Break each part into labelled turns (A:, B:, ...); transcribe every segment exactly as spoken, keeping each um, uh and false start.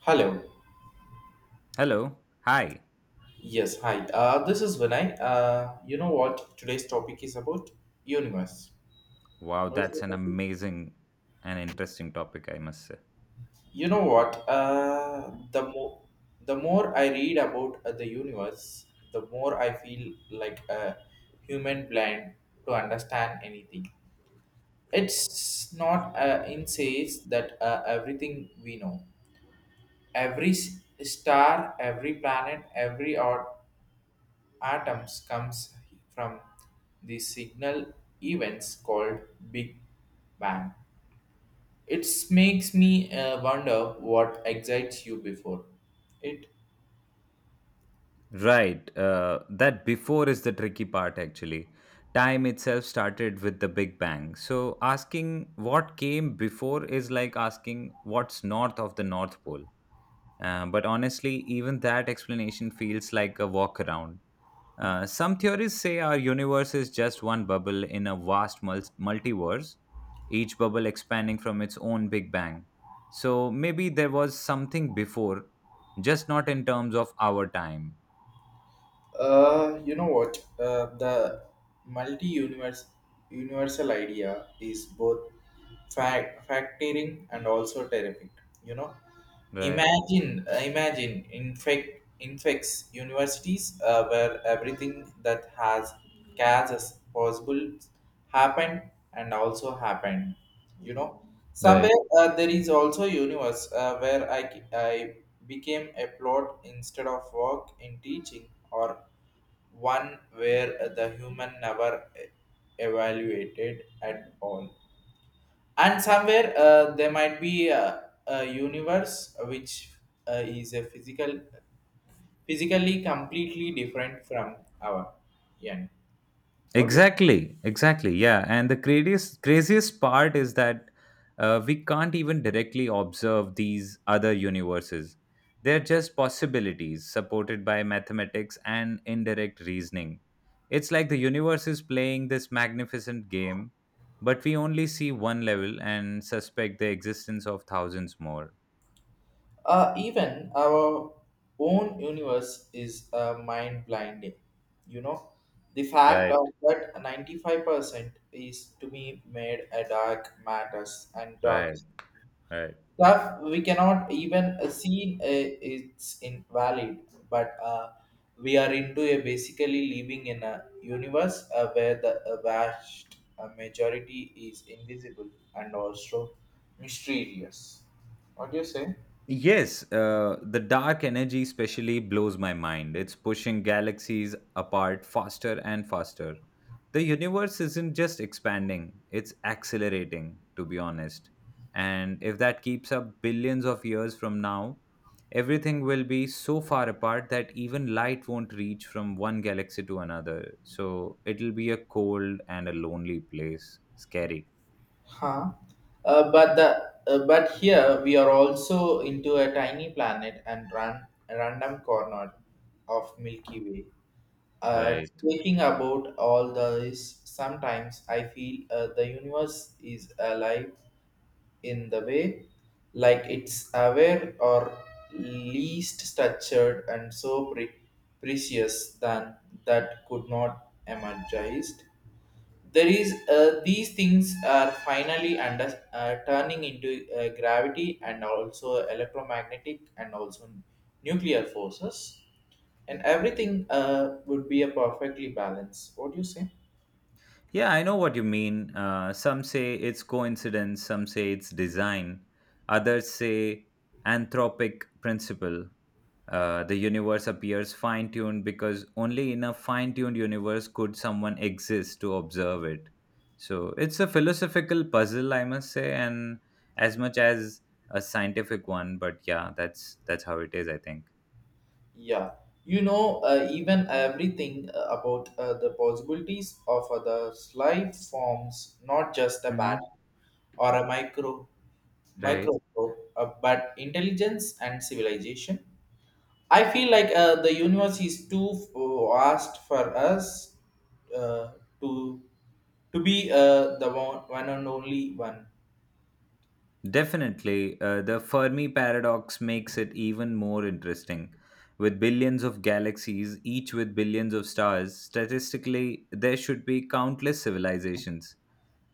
A: Hello.
B: Hello. Hi.
A: Yes, hi. Uh, this is Vinay. Uh, you know what today's topic is about? Universe.
B: Wow,
A: What is the
B: that's an
A: topic?
B: amazing and interesting topic, I must say.
A: You know what? Uh, the more the more I read about uh, the universe, the more I feel like a human blind to understand anything. It's not uh, in says that uh, everything we know, every s- star, every planet, every or atoms comes from the signal events called Big Bang. It makes me uh, wonder what excites you before it.
B: Right. Uh, that before is the tricky part, actually. Time itself started with the Big Bang. So asking what came before is like asking what's north of the North Pole. Uh, but honestly, even that explanation feels like a walk around. Uh, some theories say our universe is just one bubble in a vast mul- multiverse, each bubble expanding from its own Big Bang. So maybe there was something before, just not in terms of our time.
A: Uh, you know what? Uh, the multi-universe universal idea is both fact factoring and also terrific. You know,
B: Right.
A: imagine uh, imagine infect infects universities uh, where everything that has gas as possible happened and also happened, you know, somewhere,
B: right.
A: uh, there is also universe uh, where I ke- I became a plot instead of work in teaching, or one where the human never e- evaluated at all, and somewhere uh, there might be a, a universe which uh, is a physical physically completely different from our end. What do you?
B: Exactly, exactly. Yeah, and the craziest craziest part is that uh, we can't even directly observe these other universes. They're just possibilities supported by mathematics and indirect reasoning. It's like the universe is playing this magnificent game, but we only see one level and suspect the existence of thousands more.
A: Uh, even our own universe is uh, mind blinding. You know, the fact of
B: Right,
A: that ninety-five percent is to be made a dark matters and dark
B: right, right.
A: stuff we cannot even uh, see, uh, it's invalid, but uh, we are into a basically living in a universe uh, where the uh, vast uh, majority is invisible and also mysterious. What do you say?
B: Yes, uh, the dark energy especially blows my mind. It's pushing galaxies apart faster and faster. The universe isn't just expanding, it's accelerating, to be honest. And if that keeps up billions of years from now, everything will be so far apart that even light won't reach from one galaxy to another. So it'll be a cold and a lonely place. Scary.
A: Huh. Uh, but the uh, but here we are also into a tiny planet and ran random corner of Milky Way. Uh,
B: Right.
A: speaking about all this, sometimes I feel uh, the universe is alive in the way, like it's aware or least structured and so pre- precious than that could not emerged. There is, uh, these things are finally under uh, turning into uh, gravity and also electromagnetic and also nuclear forces, and everything uh, would be a perfectly balance. What do you say?
B: Yeah, I know what you mean. Uh, some say it's coincidence, some say it's design, others say anthropic principle. Uh, the universe appears fine tuned because only in a fine tuned universe could someone exist to observe it. So it's a philosophical puzzle, I must say, and as much as a scientific one. But yeah, that's that's how it is, I think.
A: Yeah, you know, uh, even everything uh, about uh, the possibilities of other life forms, not just a bat
B: Hmm.
A: or a micro
B: Right.
A: microscope, uh, but intelligence and civilization. I feel like uh, the universe is too uh, vast for us, uh, to to be uh, the one, one and only one.
B: Definitely, uh, the Fermi paradox makes it even more interesting. With billions of galaxies, each with billions of stars, statistically, there should be countless civilizations.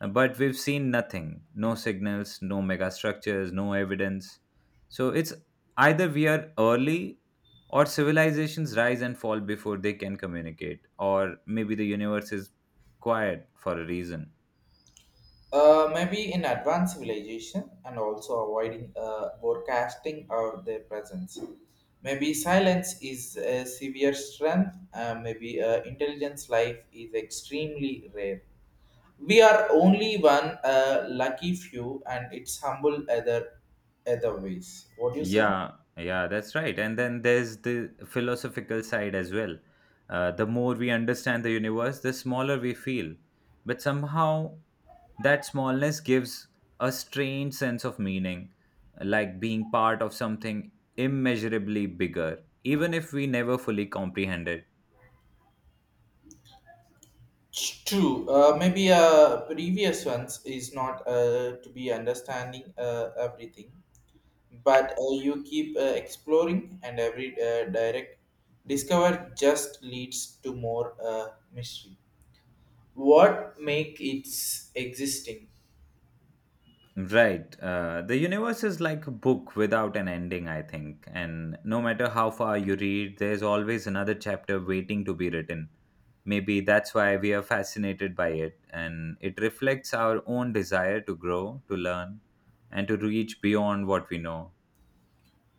B: Uh, But we've seen nothing, no signals, no megastructures, no evidence. So it's either we are early or civilizations rise and fall before they can communicate, or maybe the universe is quiet for a reason.
A: Uh, maybe in advanced civilization and also avoiding uh, forecasting or their presence. Maybe silence is a severe strength. Uh, maybe uh, intelligence life is extremely rare. We are only one uh, lucky few, and it's humble other other ways. What do you say?
B: Yeah, yeah, that's right. And then there's the philosophical side as well. Uh, the more we understand the universe, the smaller we feel. But somehow that smallness gives a strange sense of meaning, like being part of something immeasurably bigger, even if we never fully comprehend it.
A: It's True. Uh, maybe uh, previous ones is not uh, to be understanding uh, everything, but uh, you keep uh, exploring, and every uh, direct discover just leads to more uh, mystery. What make its existing?
B: Right. Uh, the universe is like a book without an ending, I think. And no matter how far you read, there's always another chapter waiting to be written. Maybe that's why we are fascinated by it. And it reflects our own desire to grow, to learn, and to reach beyond what we know.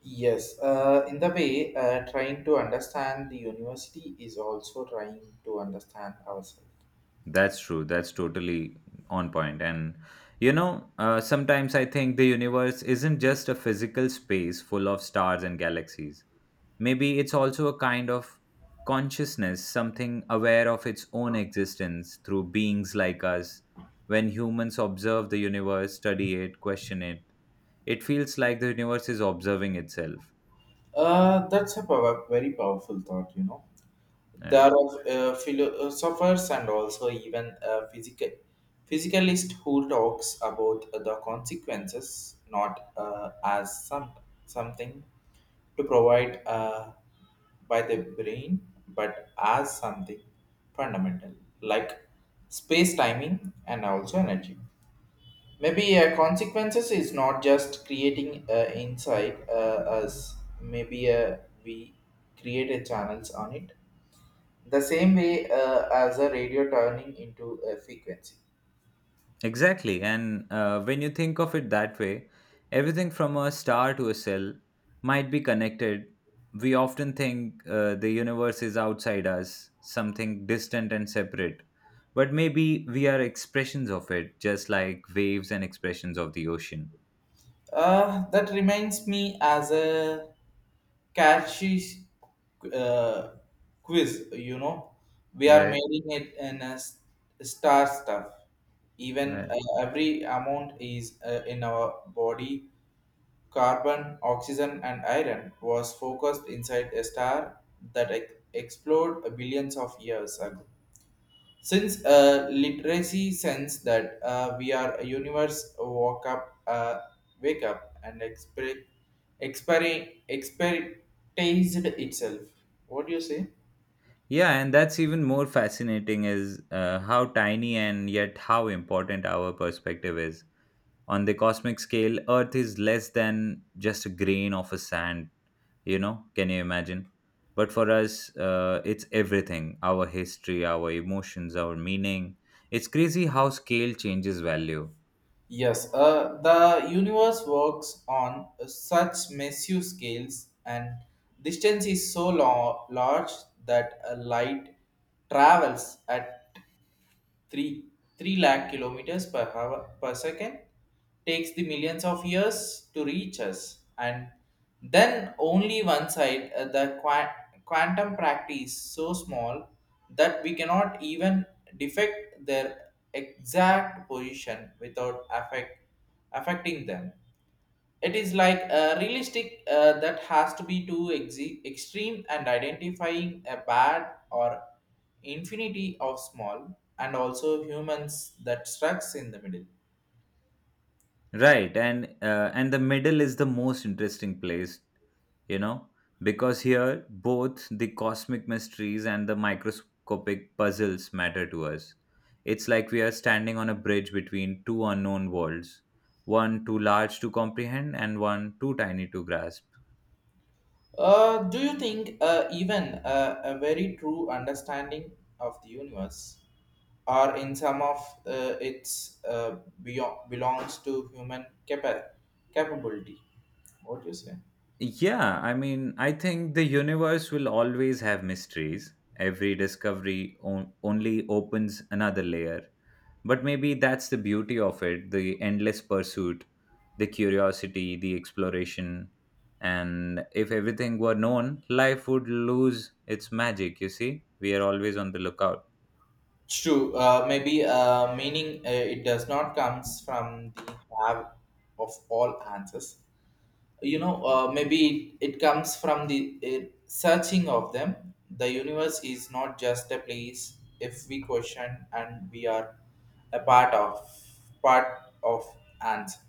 A: Yes, uh, in the way, uh, trying to understand the university is also trying to understand ourselves.
B: That's true. That's totally on point. And you know, uh, sometimes I think the universe isn't just a physical space full of stars and galaxies. Maybe it's also a kind of consciousness, something aware of its own existence through beings like us. When humans observe the universe, study it, question it, it feels like the universe is observing itself.
A: Uh, that's a power, very powerful thought, you know. There
B: Yeah.
A: are uh, philosophers and also even uh, physical physicalist who talks about the consequences, not uh, as some something to provide uh, by the brain, but as something fundamental, like space timing and also energy. Maybe uh, consequences is not just creating uh, inside uh, us. Maybe uh, we created channels on it the same way uh, as a radio turning into a frequency.
B: Exactly. And uh, when you think of it that way, everything from a star to a cell might be connected. We often think uh, the universe is outside us, something distant and separate. But maybe we are expressions of it, just like waves and expressions of the ocean.
A: Uh, that reminds me as a catchy uh, quiz, you know. We are
B: Right,
A: making it in a s- star stuff. Even
B: right.
A: uh, every amount is uh, in our body. Carbon, oxygen, and iron was focused inside a star that ex- exploded billions of years ago. Since uh, literacy sense that uh, we are a universe walk up, uh, wake up and exper- exper- expertised itself. What do you say?
B: Yeah, and that's even more fascinating is uh, how tiny and yet how important our perspective is. On the cosmic scale, Earth is less than just a grain of a sand, you know, can you imagine? But for us, uh, it's everything, our history, our emotions, our meaning. It's crazy how scale changes value.
A: Yes, uh, the universe works on such massive scales, and distance is so long, large that a light travels at 3 3 lakh kilometers per hour per second, takes the millions of years to reach us. And then only one side, uh, the qua- quantum practice so small that we cannot even defect their exact position without affect affecting them. It is like a realistic uh, that has to be too exe- extreme and identifying a bad or infinity of small and also humans that strucks in the middle.
B: Right, and uh, and the middle is the most interesting place, you know, because here both the cosmic mysteries and the microscopic puzzles matter to us. It's like we are standing on a bridge between two unknown worlds, one too large to comprehend and one too tiny to grasp.
A: Uh, do you think uh, even uh, a very true understanding of the universe or in some of uh, its uh, beyond, belongs to human capa- capability? What do you say?
B: Yeah, I mean, I think the universe will always have mysteries. Every discovery on- only opens another layer. But maybe that's the beauty of it, the endless pursuit, the curiosity, the exploration. And if everything were known, life would lose its magic, you see? We are always on the lookout.
A: It's True. Uh, maybe uh, meaning uh, it does not comes from the have of all answers. You know, uh, maybe it, it comes from the uh, searching of them. The universe is not just a place if we question, and we are a part of part of answer.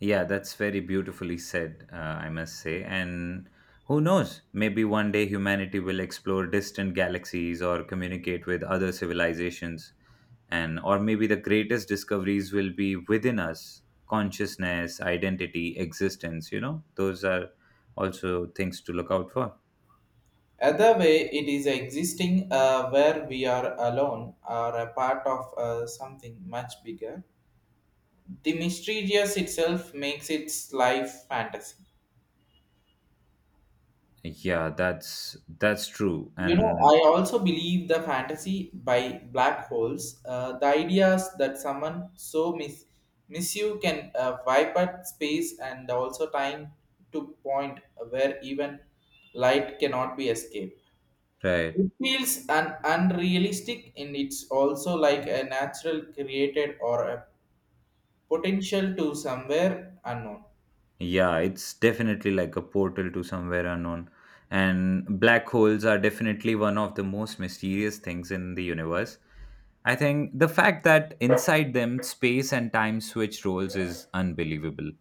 B: Yeah, that's very beautifully said, uh, I must say. And who knows, maybe one day humanity will explore distant galaxies or communicate with other civilizations. And or maybe the greatest discoveries will be within us, consciousness, identity, existence, you know, those are also things to look out for.
A: Other way, it is existing uh, where we are alone or a part of uh, something much bigger. The mysterious itself makes its life fantasy.
B: Yeah, that's that's true.
A: You know,
B: And
A: I also believe the fantasy by black holes, uh, the ideas that someone so mis- misuse can uh, wipe out space and also time to point where even light cannot be escaped.
B: right.
A: It feels an unrealistic, and it's also like a natural created or a potential to somewhere unknown.
B: Yeah, it's definitely like a portal to somewhere unknown. And black holes are definitely one of the most mysterious things in the universe. I think the fact that inside them, space and time switch roles is unbelievable.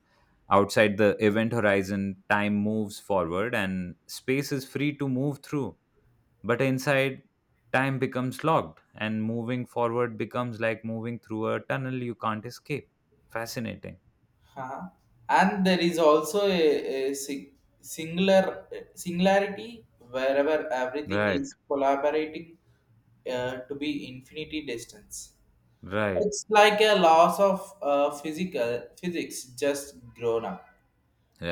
B: Outside the event horizon, time moves forward and space is free to move through. But inside, time becomes locked and moving forward becomes like moving through a tunnel you can't escape. Fascinating.
A: Huh. And there is also a, a si- singular singularity wherever everything
B: Right,
A: is collaborating uh, to be infinity distance.
B: right.
A: It's like a loss of uh, physical physics just grown up.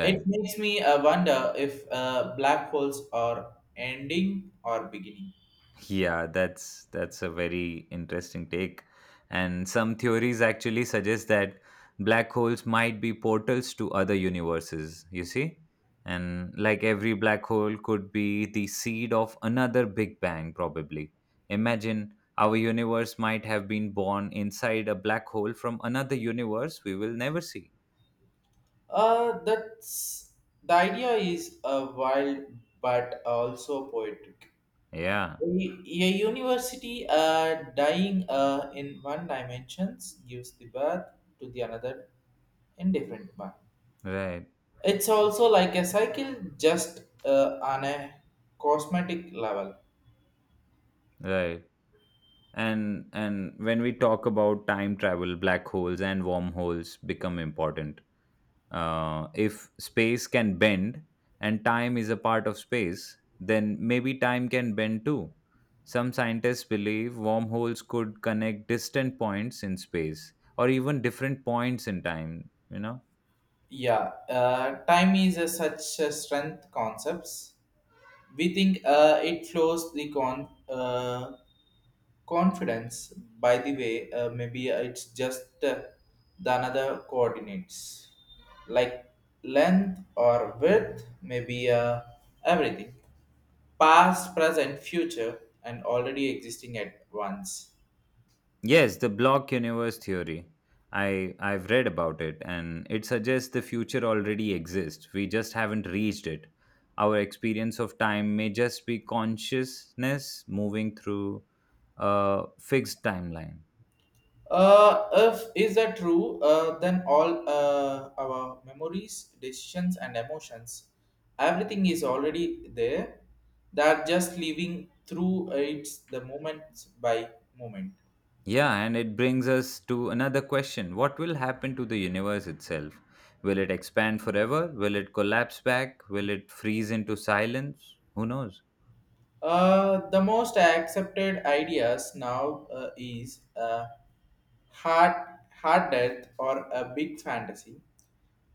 A: It makes me uh, wonder if uh, black holes are ending or beginning.
B: Yeah, that's that's a very interesting take. And some theories actually suggest that black holes might be portals to other universes, you see? And like every black hole could be the seed of another big bang probably. Imagine our universe might have been born inside a black hole from another universe we will never see.
A: Uh, that's the idea is uh, wild but also poetic.
B: Yeah,
A: A university uh, dying uh, in one dimensions gives the birth to the another in different one.
B: right,
A: It's also like a cycle, just uh, on a cosmetic level.
B: right and and when we talk about time travel, black holes and wormholes become important. Uh, if space can bend and time is a part of space, then maybe time can bend too. Some scientists believe wormholes could connect distant points in space or even different points in time, you know?
A: Yeah, uh, time is a such a strength concepts. We think uh, it flows the con uh, Confidence, by the way, uh, maybe it's just uh, the another coordinates like length or width. Maybe uh, everything past, present, future, and already existing at once.
B: Yes, the block universe theory. I I've read about it and it suggests the future already exists. We just haven't reached it. Our experience of time may just be consciousness moving through a fixed timeline.
A: Uh, if is that true, uh, then all uh, our memories, decisions, and emotions, everything is already there. They are just living through it the moment by moment.
B: Yeah, and it brings us to another question. What will happen to the universe itself? Will it expand forever? Will it collapse back? Will it freeze into silence? Who knows?
A: Uh, the most accepted ideas now uh, is uh, hard, hard death or a big fantasy.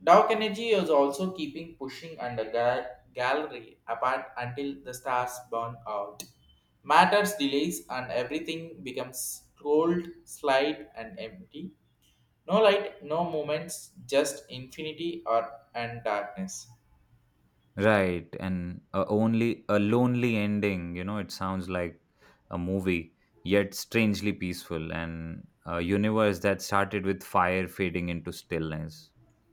A: Dark energy is also keeping pushing under ga- gallery apart until the stars burn out. Matters delays, and everything becomes cold, slight, and empty. No light, no moments, just infinity or and darkness.
B: Right, and a only a lonely ending, you know, it sounds like a movie, yet strangely peaceful, and a universe that started with fire fading into stillness.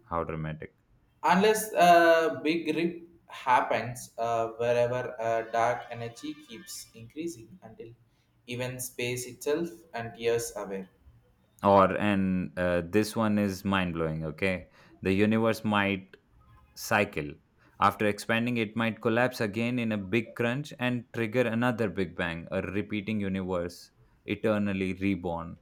B: How dramatic.
A: Unless a big rip happens, uh, wherever uh, dark energy keeps increasing until even space itself and years away.
B: Or and uh, this one is mind blowing, okay? The universe might cycle. After expanding, it might collapse again in a big crunch and trigger another big bang, a repeating universe, eternally reborn.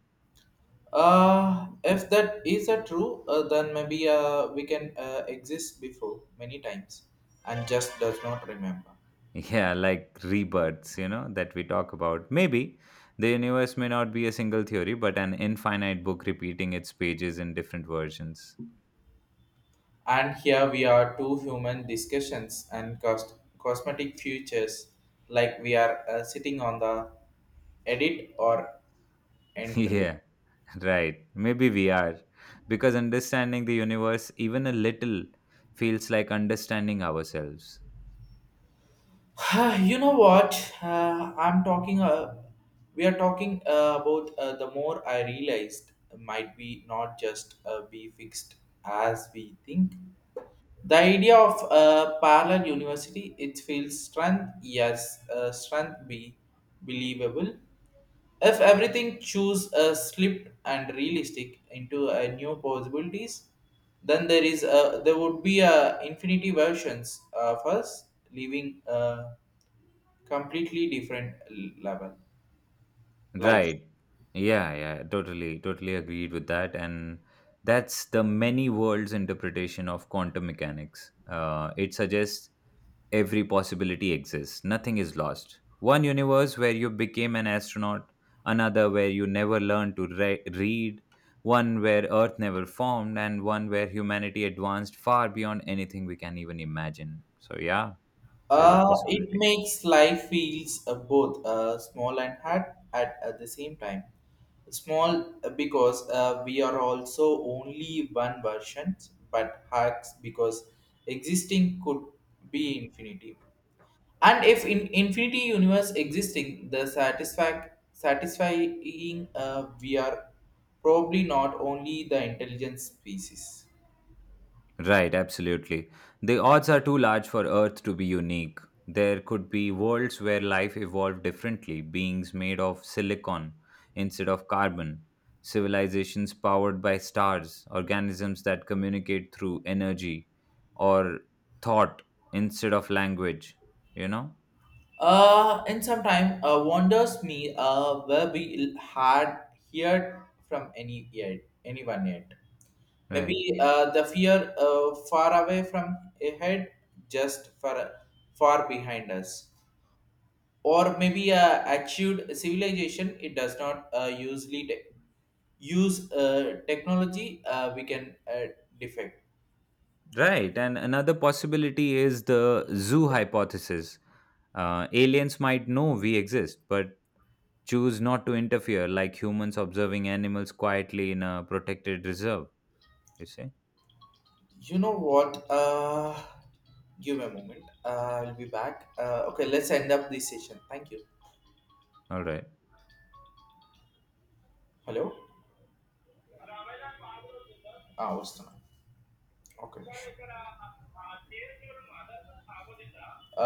A: Uh, if that is a true, uh, then maybe uh, we can uh, exist before many times and just does not remember.
B: Yeah, like rebirths, you know, that we talk about. Maybe the universe may not be a single theory but an infinite book repeating its pages in different versions.
A: And here we are two human discussions and cost- cosmetic futures, like we are uh, sitting on the edit or entry.
B: Yeah. Right, maybe we are. Because understanding the universe, even a little, feels like understanding ourselves.
A: You know what? Uh, I'm talking. Uh, we are talking uh, about uh, the more I realized might be not just uh, be fixed as we think. The idea of uh, parallel university, it feels strength, yes, uh, strength be believable. If everything choose a slipped and realistic into a new possibilities, then there is a there would be a infinity versions of us living. Uh, completely different level life.
B: Right. Yeah, yeah, totally, totally agreed with that. And that's the many worlds interpretation of quantum mechanics. Uh, it suggests every possibility exists. Nothing is lost. One universe where you became an astronaut, another where you never learned to re- read, one where Earth never formed, and one where humanity advanced far beyond anything we can even imagine. So, yeah, there's a
A: Uh, it
B: possibility.
A: makes life feels uh, both uh, small and hard at, at the same time. Small uh, because uh, we are also only one version, but hard because existing could be infinity. And if in infinity universe existing, the satisfac- satisfying uh, we are probably not only the intelligent species.
B: Right, absolutely. The odds are too large for Earth to be unique. There could be worlds where life evolved differently, beings made of silicon instead of carbon, civilizations powered by stars, organisms that communicate through energy or thought instead of language, you know?
A: Uh, and sometimes time, uh, wonders me uh, where we had heard from any yet, anyone yet.
B: Right.
A: Maybe uh, the fear uh, far away from ahead, just far, far behind us. Or maybe uh, achieved civilization, it does not uh, usually te- use uh, technology uh, we can uh, defect.
B: Right, and another possibility is the zoo hypothesis. Uh, aliens might know we exist, but choose not to interfere, like humans observing animals quietly in a protected reserve, you see?
A: You know what? Uh, give me a moment. Uh, I'll be back. Uh, okay, let's end up this session. Thank you.
B: All right.
A: Hello. Ah, Western. Okay.